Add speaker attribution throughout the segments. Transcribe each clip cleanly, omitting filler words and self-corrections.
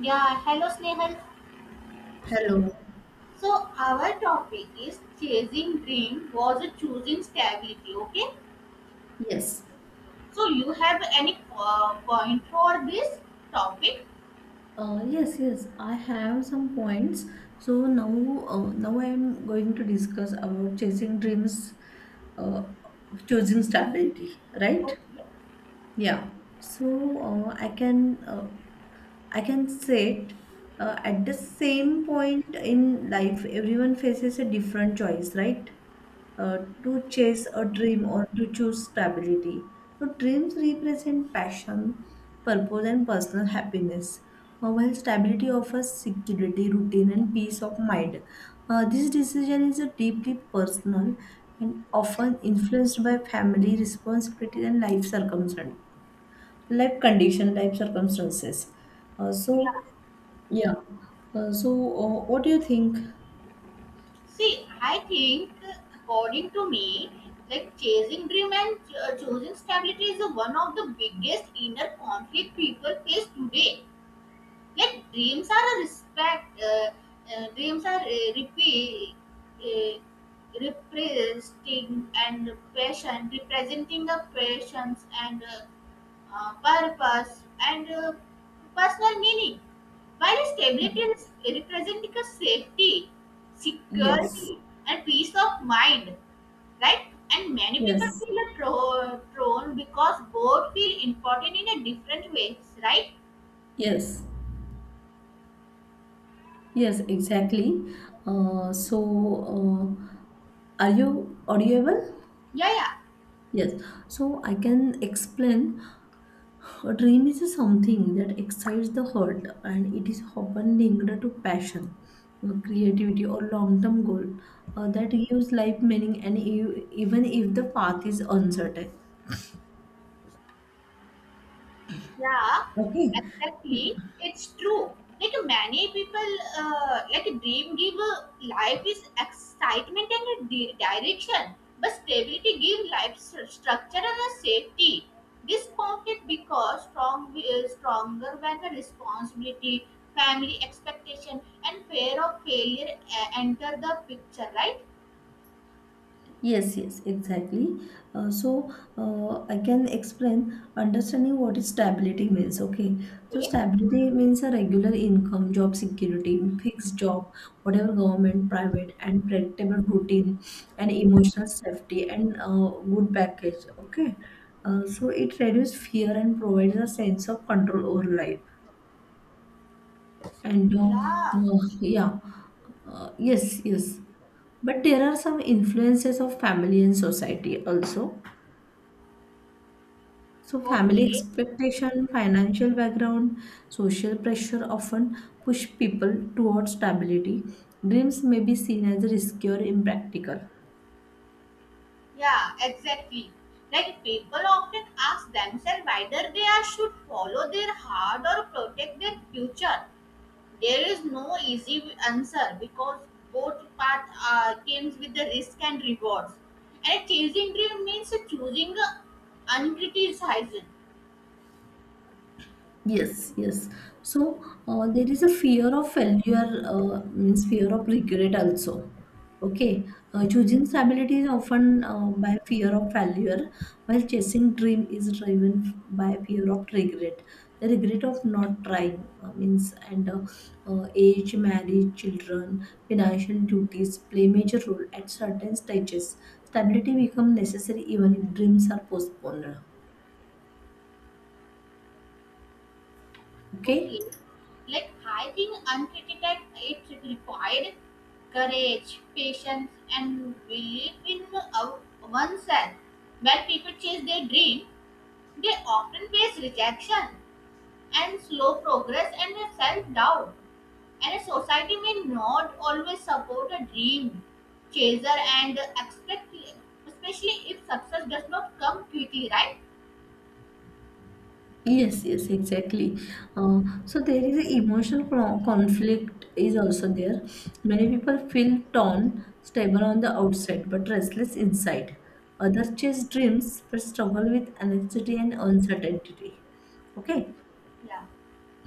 Speaker 1: Yeah, hello Snehal.
Speaker 2: Hello.
Speaker 1: So our topic is chasing dream was a choosing stability. Okay.
Speaker 2: Yes.
Speaker 1: So you have any point for this topic?
Speaker 2: Yes, yes, I have some points. So now, now I am going to discuss about chasing dreams, uh, choosing stability, right?
Speaker 1: Okay.
Speaker 2: Yeah, so I can say it at the same point in life, everyone faces a different choice, right? To chase a dream or to choose stability. So dreams represent passion, purpose, and personal happiness. While stability offers security, routine, and peace of mind. This decision is a deeply personal and often influenced by family responsibilities and life circumstances. Uh,
Speaker 1: Yeah.
Speaker 2: so, yeah. What do you think?
Speaker 1: See, I think according to me, like chasing dream and choosing stability is one of the biggest inner conflict people face today. Yet dreams are a respect. Dreams are repeat, uh, representing and passion, representing the passions and purpose and personal meaning. While stability is representing a safety,
Speaker 2: Yes,
Speaker 1: security, and peace of mind, right? And many people
Speaker 2: yes,
Speaker 1: feel a thrown because both feel important in a different ways, right?
Speaker 2: yes, yes, exactly. Uh, so, uh, are you audible?
Speaker 1: Yeah, yeah.
Speaker 2: Yes. So, I can explain. A dream is something that excites the heart and it is often linked to passion, creativity, or long term goal that gives life meaning, and even if the path is uncertain.
Speaker 1: Yeah,
Speaker 2: Okay. N-
Speaker 1: exactly. It's true. Like many people, like dream give life is excitement and a direction, but stability give life structure and a safety. This conflict because strong is stronger when the responsibility, family expectation, and fear of failure enter the picture. Right?
Speaker 2: Yes, yes, exactly. Uh, so I can explain understanding what is stability means. Okay, so
Speaker 1: Yeah.
Speaker 2: stability means a regular income, job security, fixed job, whatever government, private, and predictable routine, and emotional safety, and good package. Okay, so it reduces fear and provides a sense of control over life. And uh,
Speaker 1: Yeah.
Speaker 2: uh, yeah, yes, yes. But there are some influences of family and society also. So, family
Speaker 1: Okay.
Speaker 2: expectation, financial background, social pressure often push people towards stability. Dreams may be seen as risky or impractical.
Speaker 1: Yeah, exactly. Like people often ask themselves whether they are should follow their heart or protect their future. There is no easy answer because both paths comes with the risk and rewards. And chasing dream means choosing uncriticized.
Speaker 2: Yes, yes. So there is a fear of failure, means fear of regret also. Okay, choosing stability is often by fear of failure, while chasing dream is driven by fear of regret. The regret of not trying means and age, marriage, children, financial duties play major role at certain stages. Stability become necessary even if dreams are postponed. Okay.
Speaker 1: Okay, like I think uncriticized it required courage, patience, and belief in oneself. When people chase their dream, they often face rejection and slow progress and self doubt, and a society may not always support a dream chaser and expect, especially if success does not come quickly, right?
Speaker 2: Yes, yes, exactly. So there is a conflict is also there. Many people feel torn, stable on the outside but restless inside. Others chase dreams but struggle with anxiety and uncertainty. Okay,
Speaker 1: Yeah.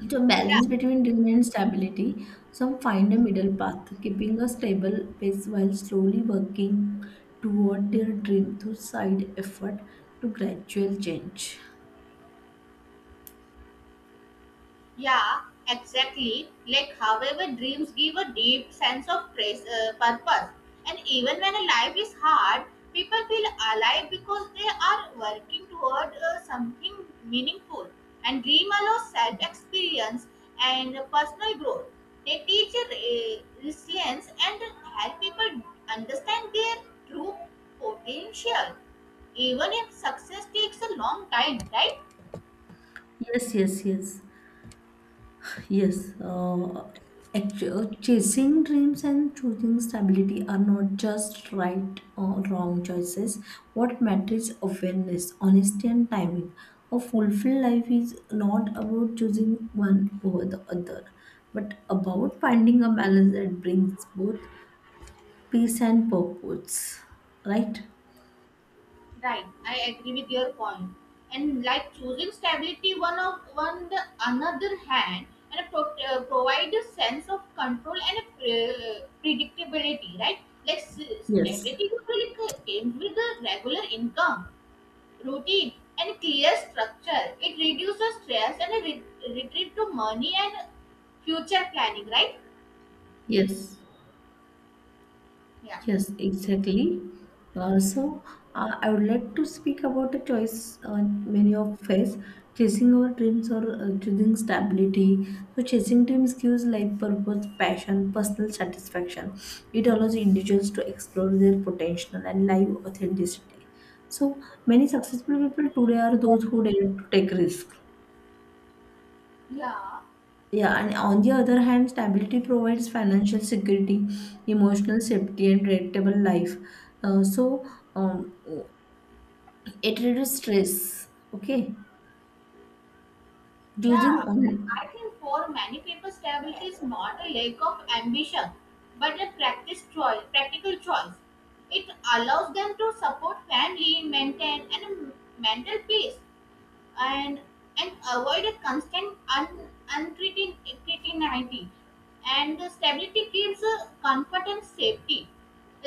Speaker 2: so
Speaker 1: Yeah.
Speaker 2: balance between dream and stability. Some find a middle path, keeping a stable pace while slowly working toward their dream through side effort to gradual change.
Speaker 1: Yeah, exactly. Like, however, dreams give a deep sense of purpose. And even when a life is hard, people feel alive because they are working toward something meaningful. And dream allows self experience and personal growth. They teach resilience and help people understand their true potential, even if success takes a long time, right?
Speaker 2: Yes, yes, yes. Yes. Chasing dreams and choosing stability are not just right or wrong choices. What matters is awareness, honesty, and timing. A fulfilled life is not about choosing one over the other, but about finding a balance that brings both peace and purpose. Right?
Speaker 1: Right, I agree with your point. And like choosing stability, one of one the another hand, and provide a sense of control and a predictability. Right, like
Speaker 2: Yes.
Speaker 1: stability usually comes with a regular income, routine, and clear structure. It reduces stress and a retreat to money and future planning. Right?
Speaker 2: Yes.
Speaker 1: Yeah.
Speaker 2: Yes, exactly. Uh, so I would like to speak about the choice many of face chasing our dreams or choosing stability. So chasing dreams gives life purpose, passion, personal satisfaction. It allows individuals to explore their potential and live authenticity. So many successful people today are those who dare to take risks,
Speaker 1: Yeah.
Speaker 2: yeah, and on the other hand, stability provides financial security, emotional safety, and predictable life. Uh, so um, it reduces stress. Okay,
Speaker 1: Yeah,
Speaker 2: choosing
Speaker 1: but
Speaker 2: only.
Speaker 1: I think for many people, stability is not a lack of ambition, but a practical choice. It allows them to support family, maintain and a mental peace and avoid a uncertainty and the stability gives comfort and safety,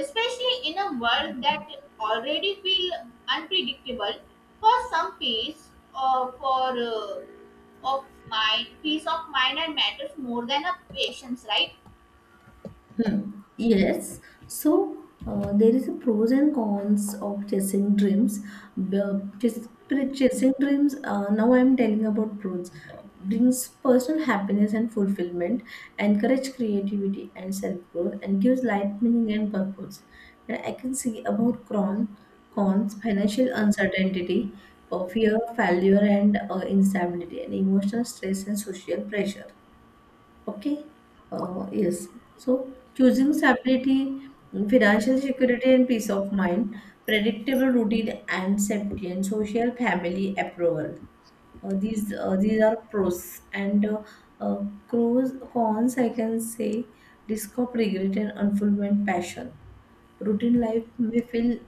Speaker 1: especially in a world that already feel unpredictable for some peace or for of mind peace of mind and matters more than a patience, right?
Speaker 2: Hmm. Yes. So there is a pros and cons of chasing dreams. B- Chasing dreams. Now I am telling about pros. Brings personal happiness and fulfillment, encourage creativity and self growth, and gives life meaning and purpose. And I can see about cons, financial uncertainty, fear, of failure, and instability, and emotional stress and social pressure. Okay. Yes. So choosing stability, financial security, and peace of mind, predictable routine and safety, and social family approval. These are pros and pros cons. I can say risk of regret and unfulfillment passion. Routine life may feel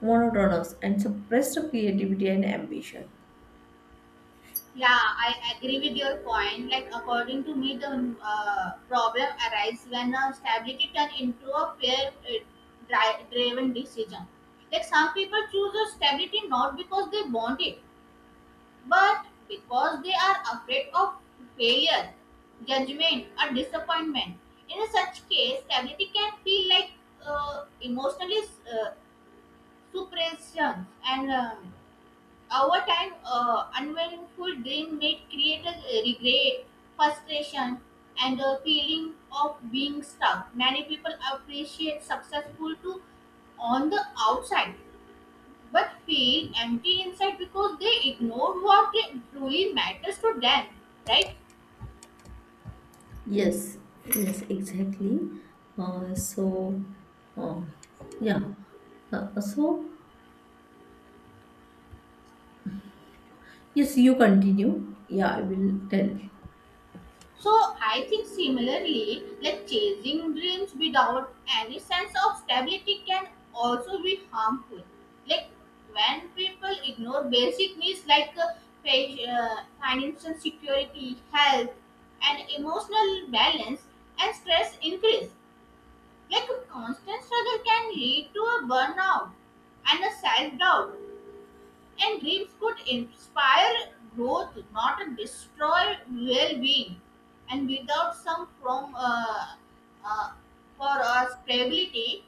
Speaker 2: monotonous and suppress the creativity and ambition.
Speaker 1: Yeah, I agree with your point. Like, according to me, the problem arises when stability turn into a fear driven decision. Like, some people choose a stability not because they want it, but because they are afraid of failure, judgment, or disappointment. In such case, stability can feel like emotionally uh, suppression, and over time, unmindful dream may create a regret, frustration, and a feeling of being stuck. Many people appreciate successful to on the outside, but feel empty inside because they ignore what truly matters to them. Right?
Speaker 2: Yes, yes, exactly. Uh, so, uh, yeah. Uh, so, yes, you continue. Yeah, I will tell.
Speaker 1: So I think similarly, like chasing dreams without any sense of stability can also be harmful. Like when people ignore basic needs like financial security, health, and emotional balance, and stress increase. Like a constant struggle can lead to a burnout and a self doubt. And games could inspire growth, not destroy well-being. And without some form uh, for our stability,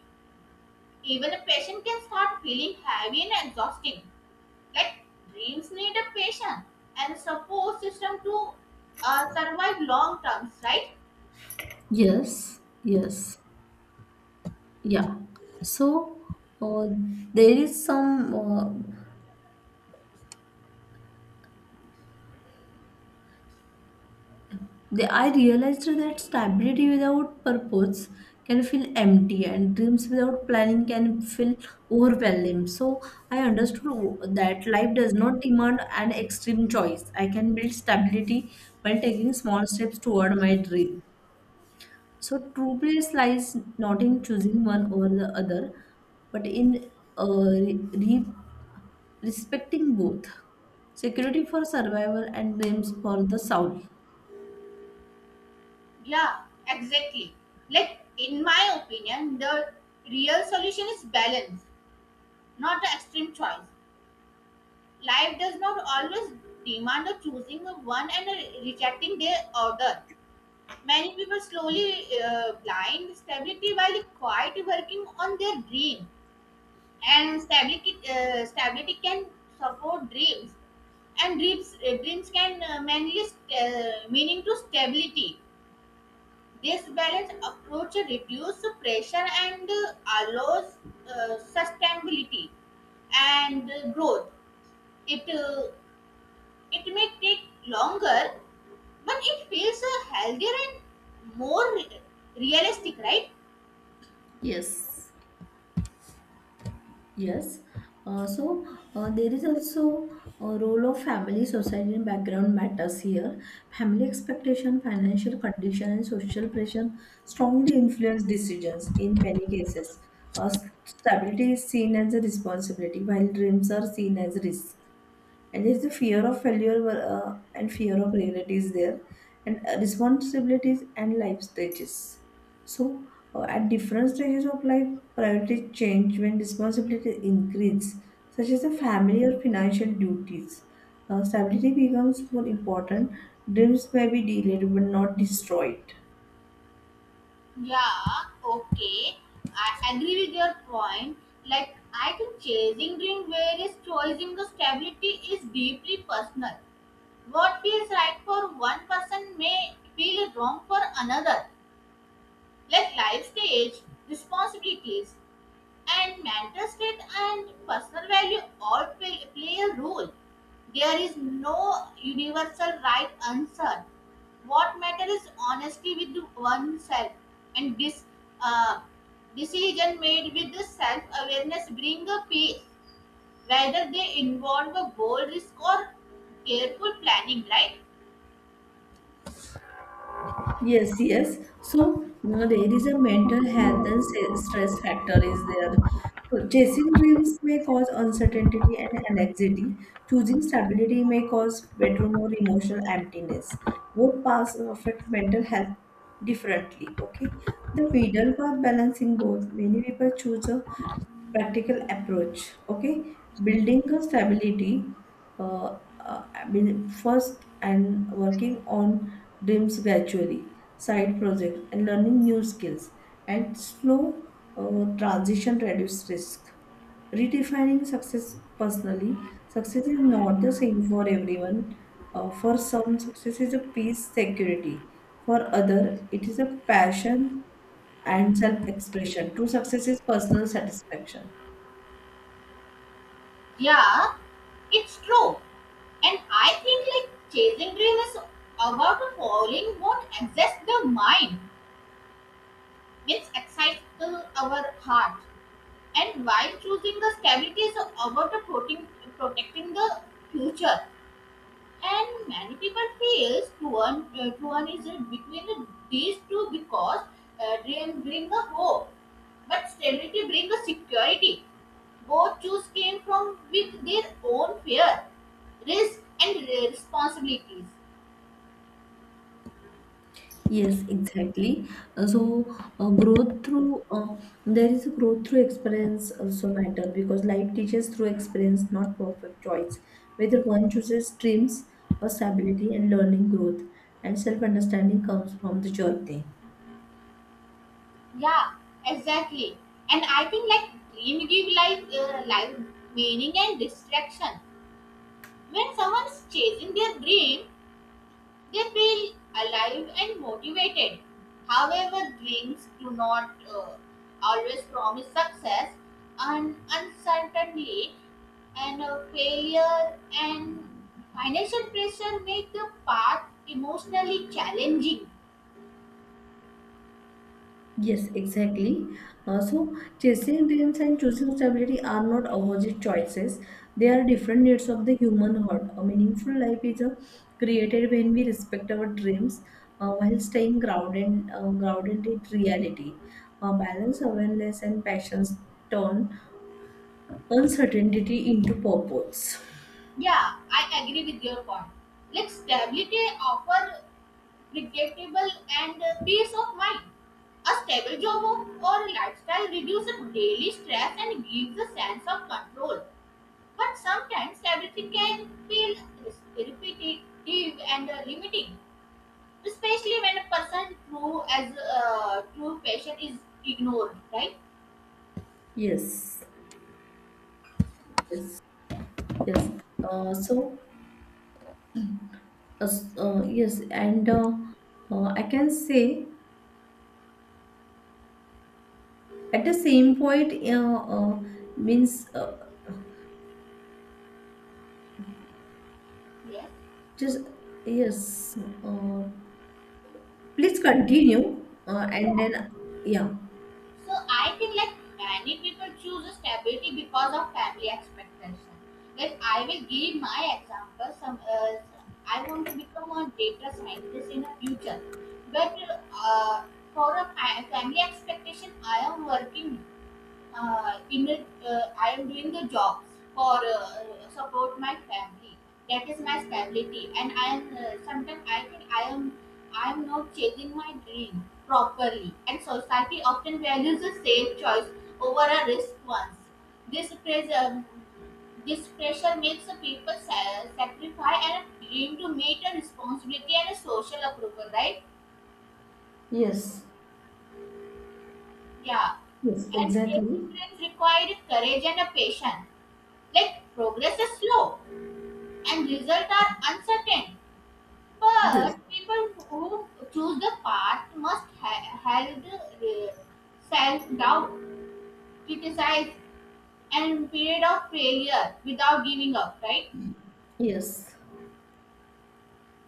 Speaker 1: even a patient can start feeling heavy and exhausting. Like dreams need a patient and support system to survive long terms, right?
Speaker 2: Yes, yes, yeah. So, uh, there is some. They, I realized that stability without purpose can feel empty, and dreams without planning can feel overwhelming. So I understood that life does not demand an extreme choice. I can build stability while taking small steps toward my dream. So true place lies not in choosing one over the other, but in uh, re- re- respecting both security for survival and dreams for the soul.
Speaker 1: Yeah, exactly. Like in my opinion, the real solution is balance, not the extreme choice. Life does not always demand a choosing of one and a rejecting the other. Many people slowly blind stability while quiet working on their dream. And stability can support dreams, and dreams can meaning to stability. This balanced approach reduces pressure and allows sustainability and growth. It uh, It may take longer, but it feels healthier and more realistic, right?
Speaker 2: Yes. Yes. Uh, so there is also a role of family, society, and background matters here. Family expectation, financial condition, and social pressure strongly influence decisions in many cases. Uh, Stability is seen as a responsibility, while dreams are seen as risk and there's the fear of failure and fear of regret is there, and responsibilities and life stages. So at different stages of life priorities change when responsibilities increase such as the family or financial duties. Stability becomes more important. Dreams may be delayed but not destroyed.
Speaker 1: Yeah, okay. I agree with your point. Like, I think chasing dream whereas choosing the stability is deeply personal. What feels right for one person may feel wrong for another. Like life stage, responsibilities, and mental state and personal value all play a role. There is no universal right answer. What matters is honesty with oneself, and this uh, decision made with the self-awareness bring a peace, whether they involve a bold risk or careful planning. Right?
Speaker 2: Yes, yes. So, you know, there is a mental health and stress factor is there. So chasing dreams may cause uncertainty and anxiety. Choosing stability may cause bedroom or emotional emptiness. Both paths affect mental health differently. Okay, the middle path balancing both. Many people choose a practical approach. Okay, building a stability. I mean, first and working on dreams gradually, side projects, and learning new skills, and slow transition reduce risk. Redefining success personally, success is not the same for everyone. For some, success is a peace, security. For other, it is a passion and self-expression. True success is personal satisfaction.
Speaker 1: Yeah, it's true. And I think like chasing dream is about following what exhausts the mind, which excites to our heart. And while choosing the stability is about the protecting the future. And many people feels Truan is between these two because dream bring the hope, but stability bring the security. Both choose came from with their own fear, risk, and responsibilities.
Speaker 2: Yes, exactly. So, growth through there is a growth through experience also matter because life teaches through experience, not perfect choice. Whether one chooses dreams or stability and learning growth and self-understanding comes from the journey.
Speaker 1: Yeah, exactly. And I think like dream give life meaning and distraction. When someone's chasing their dream, they feel alive and motivated. However, dreams do not always promise success, and uncertainty and failure and financial pressure make the path emotionally challenging.
Speaker 2: Yes, exactly. So, chasing dreams and choosing stability are not opposite choices. They are different needs of the human heart. A meaningful life is created when we respect our dreams while staying grounded in reality. Balance, awareness, and passions turn uncertainty into purpose.
Speaker 1: Yeah, I agree with your point. Like stability offer predictable and peace of mind. A stable job or lifestyle reduces daily stress and gives a sense of control. But sometimes everything can feel repetitive and limiting, especially when a person true passion is ignored. Right?
Speaker 2: Yes, yes, yes. Uh, so, yes, and I can say. At the same point, means
Speaker 1: Yes.
Speaker 2: just yes. Please continue, and then yeah.
Speaker 1: So I think like many people choose stability because of family expectation. Like I will give my example. Some I want to become a data scientist in the future, but uh, for a family expectation, I am working in it, I am doing the job for support my family. That is my stability, and I am sometimes I think I am not chasing my dream properly, and society often values a safe choice over a risk ones. This pressure, this pressure makes the people sacrifice and a dream to meet a responsibility and a social approval, right?
Speaker 2: Yes.
Speaker 1: Yeah,
Speaker 2: Yes.
Speaker 1: and chasing
Speaker 2: Exactly.
Speaker 1: dreams require courage and a patience. Like progress is slow and results are uncertain,
Speaker 2: Yes.
Speaker 1: but people who choose the path must held self-doubt, criticize, and period of failure without giving up. Right?
Speaker 2: Yes.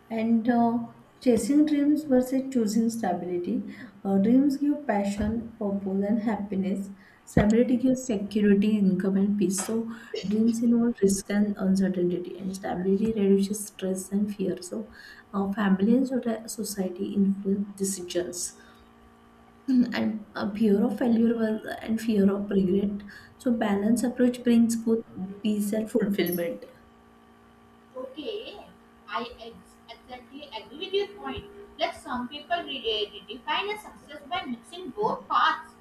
Speaker 2: And chasing dreams versus choosing stability. Dreams give passion, purpose, and happiness. Stability gives security, income, and peace. So, dreams involve risk and uncertainty, and stability reduces stress and fear. So, family and society influence decisions, and fear of failure and fear of regret. So, balanced approach brings both peace and fulfillment.
Speaker 1: Okay, I exactly agree with your point. Like some people define a success by mixing both paths.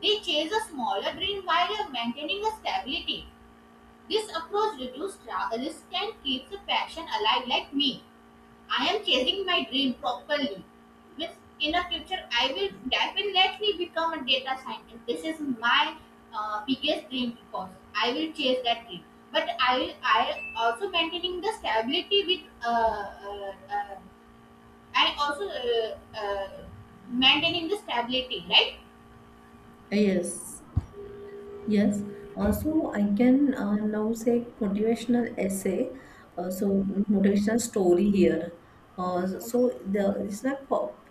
Speaker 1: They chase a smaller dream while maintaining a stability. This approach reduces travel risk and keeps a passion alive like me. I am chasing my dream properly. Means in the future, I will definitely become a data scientist. This is my biggest dream because I will chase that dream. But I also maintaining the stability with I also maintaining the stability, right?
Speaker 2: Yes. Yes, also I can now say motivational essay, so motivational story here. So the it's like pop.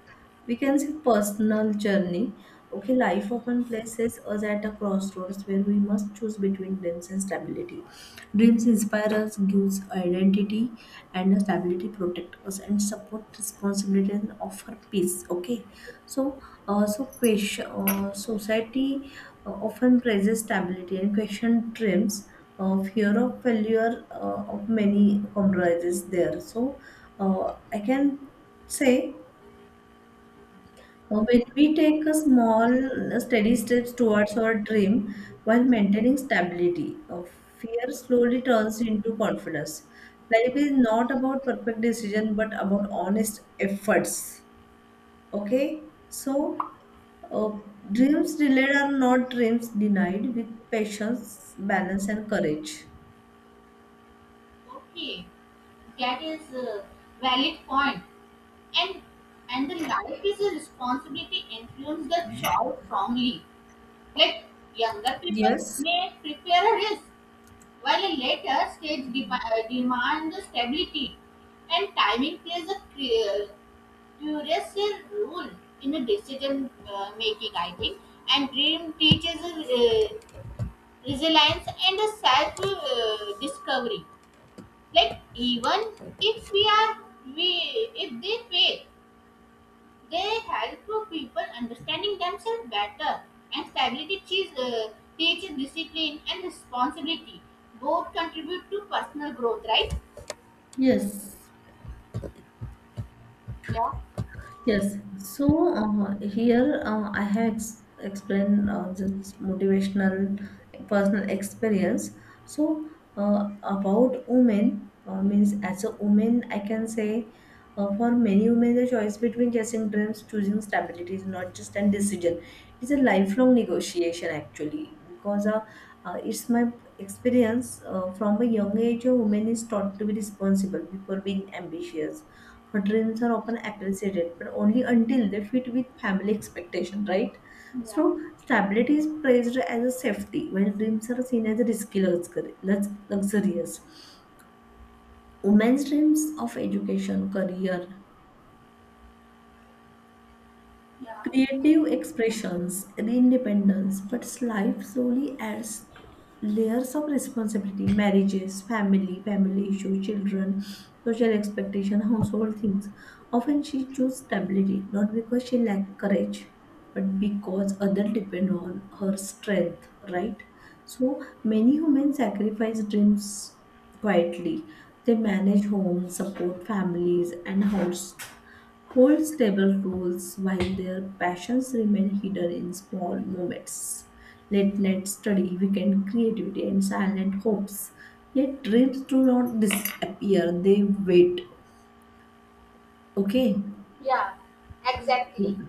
Speaker 2: We can say personal journey. Okay, life often places us at a crossroads where we must choose between dreams and stability. Dreams inspire us, gives identity, and stability protect us and support responsibility and offer peace. Okay, so question society often praises stability and question trims fear of failure of many compromises there. So uh, I can say when we take a small steady steps towards our dream while maintaining stability, fear slowly turns into confidence. Life is not about perfect decision but about honest efforts. Okay, so uh, dreams delayed are not dreams denied with patience, balance, and courage.
Speaker 1: Okay, that is a valid point. And the life is a responsibility influence the child strongly. Like younger people
Speaker 2: Yes.
Speaker 1: may prepare a risk, while a later stage demand the stability, and timing plays a clear, curious role in the decision making. I think, and dream teaches resilience and a self discovery. Like even if we are we if they fail, they help people understanding themselves better, and stability teaches discipline and responsibility. Both contribute to personal growth, right?
Speaker 2: Yes.
Speaker 1: Yeah,
Speaker 2: Yes, so here I have explained this motivational personal experience. So about women, means as a woman, I can say for many women the choice between chasing dreams, choosing stability is not just an decision. It's a lifelong negotiation actually because it's my experience from a young age. A woman is taught to be responsible before being ambitious. Her dreams are often appreciated, but only until they fit with family expectation, right?
Speaker 1: yeah.
Speaker 2: So stability is praised as a safety, while dreams are seen as a risky luxurious. Women's dreams of education, career,
Speaker 1: Yeah,
Speaker 2: creative expressions and independence, but life slowly adds layers of responsibility, marriages, family issues, children, social expectation, household things. Often she chose stability, not because she lacked courage, but because others depend on her strength, right? So many women sacrifice dreams quietly. They manage homes, support families, and house hold stable roles while their passions remain hidden in small moments. Late night study, weekend creativity, and silent hopes. Yet dreams do not disappear, they wait. Okay?
Speaker 1: yeah, exactly.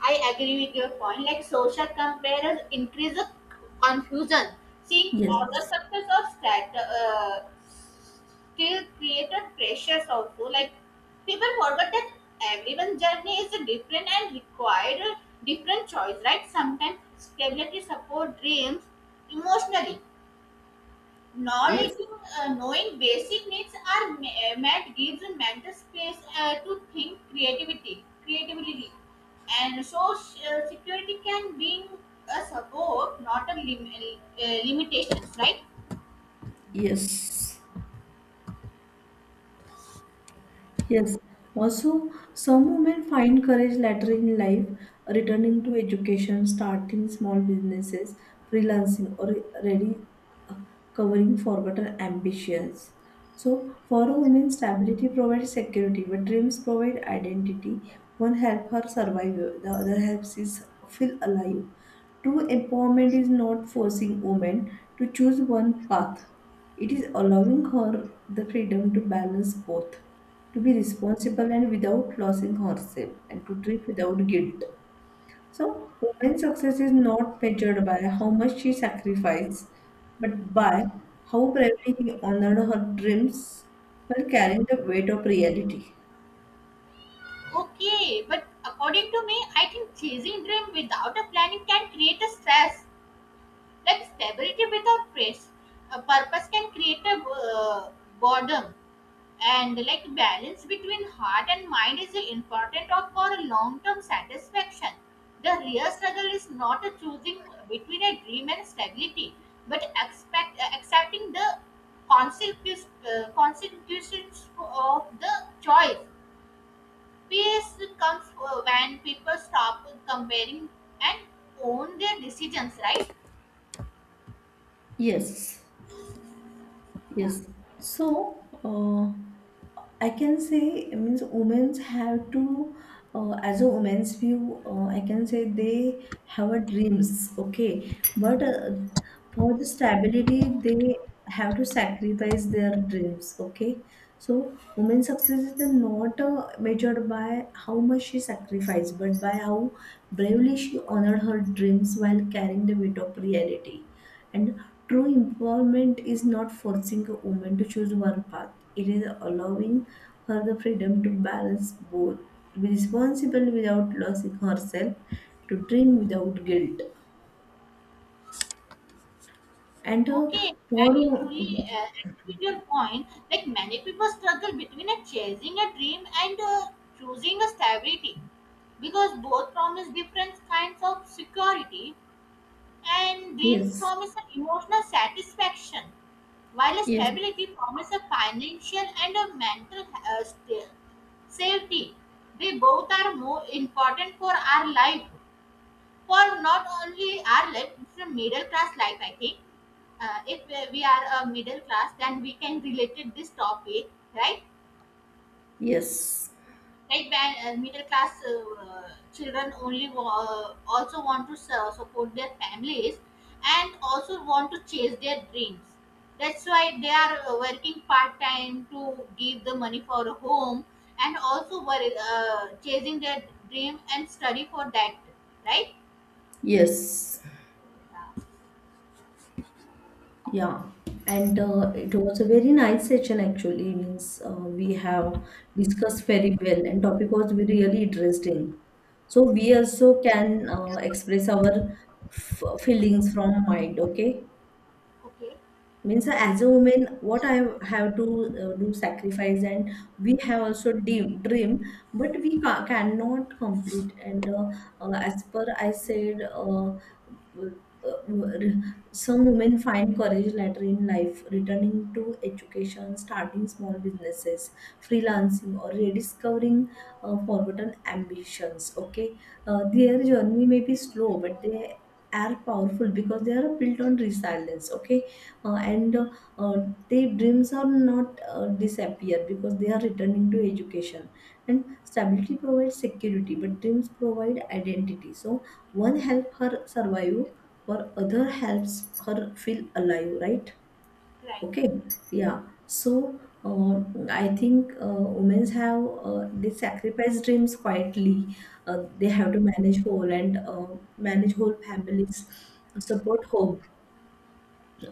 Speaker 1: I agree with your point. Like social comparers increase confusion. Seeing other
Speaker 2: Yes.
Speaker 1: success or still created pressures also. Like people forget that everyone's journey is different and required different choice, right? Sometimes stability support dreams emotionally,
Speaker 2: Yes.
Speaker 1: knowledge, knowing basic needs are met gives mental space to think creativity, and so security can be a support, not a limitations, right?
Speaker 2: Yes. Yes. Also, some women find courage later in life, returning to education, starting small businesses, freelancing, or really uh, covering forgotten ambitions. So, for a woman, stability provides security, but dreams provide identity. One helps her survive, the other helps is feel alive. True empowerment is not forcing women to choose one path. It is allowing her the freedom to balance both, to be responsible and without losing herself, and to drift without guilt. So, women's success is not measured by how much she sacrificed, but by how bravely he honored her dreams while carrying the weight of reality.
Speaker 1: Okay, but according to me, I think chasing dream without a planning can create a stress, like stability without praise. A purpose can create a uh, boredom, and like balance between heart and mind is important of for a long-term satisfaction. The real struggle is not a choosing between a dream and stability, but accepting the consequences of the choice. Peace comes when people stop comparing and own their decisions, right?
Speaker 2: Yes. Yes. So, I can say, I means women have to, as a woman's view, I can say they have a dreams, okay. But for the stability, they have to sacrifice their dreams, okay. So, women's success is not measured by how much she sacrificed, but by how bravely she honored her dreams while carrying the weight of reality. And true empowerment is not forcing a woman to choose one path, it is allowing her the freedom to balance both, to be responsible without losing herself, to dream without guilt, and to
Speaker 1: Okay, I
Speaker 2: borrow.
Speaker 1: truly agree with your point. Like many people struggle between a chasing a dream and choosing a stability, because both promise different kinds of security, and dreams
Speaker 2: Yes,
Speaker 1: promise an emotional satisfaction while a
Speaker 2: yes,
Speaker 1: stability promises a financial and a mental safety. They both are more important for our life, for not only our life, it's a middle class life, I think. If we are a middle class, then we can relate it this topic, right?
Speaker 2: yes,
Speaker 1: Right, when middle class children only also want to support their families and also want to chase their dreams, that's why they are working part time to give the money for a home and also chasing their dream and study for that, right?
Speaker 2: yes.
Speaker 1: Yeah.
Speaker 2: Yeah, and it was a very nice session actually. Means we have discussed very well, and topic was very really interesting. So we also can express our f feelings from mind. Okay,
Speaker 1: Okay.
Speaker 2: means as a woman what I have to do sacrifice and we have also dream but we cannot complete and as per I said some women find courage later in life returning to education, starting small businesses, freelancing, or rediscovering forgotten ambitions. Okay, their journey may be slow but they are powerful because they are built on resilience. Okay, and uh, their dreams are not disappear because they are returning to education, and stability provides security but dreams provide identity. So one help her survive, for other helps her feel alive, right?
Speaker 1: Right.
Speaker 2: Okay, yeah, so I think women have they sacrifice dreams quietly. They have to manage whole and manage whole families, support home.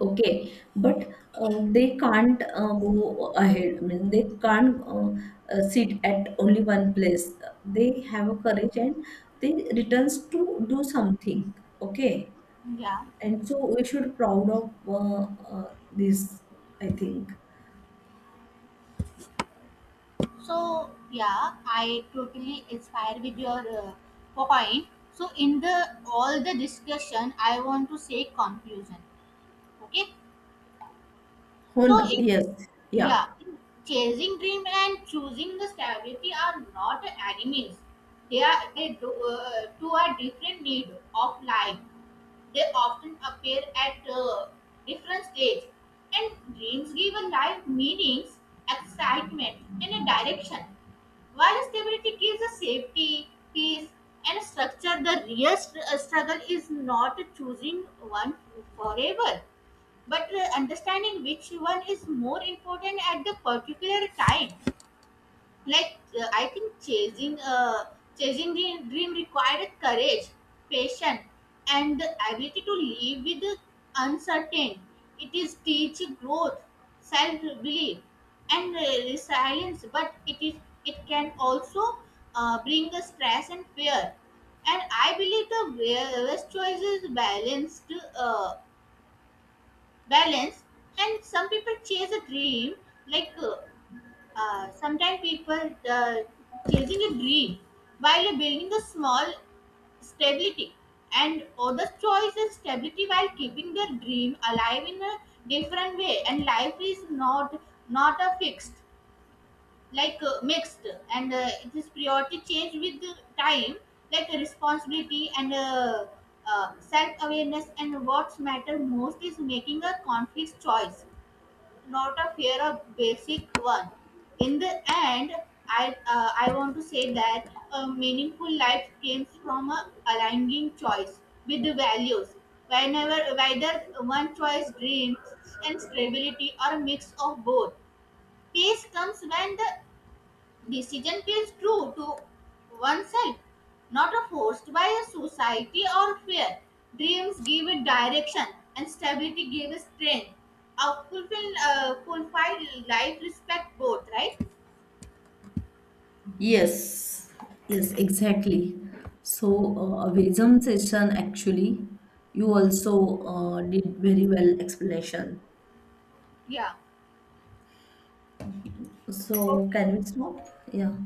Speaker 2: Okay, but they can't go ahead. I mean, they can't sit at only one place. They have a courage and they returns to do something. Okay,
Speaker 1: Yeah.
Speaker 2: and so we should proud of this. I think.
Speaker 1: So yeah, I totally inspire with your point. So in the all the discussion, I want to say conclusion. Okay.
Speaker 2: Oh,
Speaker 1: So
Speaker 2: no.
Speaker 1: it,
Speaker 2: Yes. Yeah.
Speaker 1: yeah, chasing dream and choosing the stability are not enemies. They do, two are different need of life. They often appear at different stage, and dreams give a life meanings, excitement, and a direction. While stability gives a safety, peace, and structure, the real struggle is not choosing one forever, but understanding which one is more important at the particular time. Like I think chasing the dream required courage, patience, and the ability to live with the uncertain. It is teach growth, self belief, and resilience, but it can also bring the stress and fear. And I believe the best choice is uh, balance. And some people chase a dream, like sometimes people the chasing a dream while building a small stability, and others choice is stability while keeping their dream alive in a different way. And life is not a fixed, like mixed, and it is priority change with the time, like the responsibility and self-awareness, and what matter most is making a conflict choice, not a fear a basic one. In the end, I want to say that a meaningful life comes from a aligning choice with the values, whenever whether one choice dreams and stability or a mix of both. Peace comes when the decision feels true to oneself, not a forced by a society or fear. Dreams give it direction, and stability gives strength. A fulfilled life respect both, right?
Speaker 2: Yes. Yes. Exactly. So a wisdom session actually. You also did very well explanation.
Speaker 1: Yeah.
Speaker 2: So can
Speaker 1: Okay.
Speaker 2: we stop? Yeah.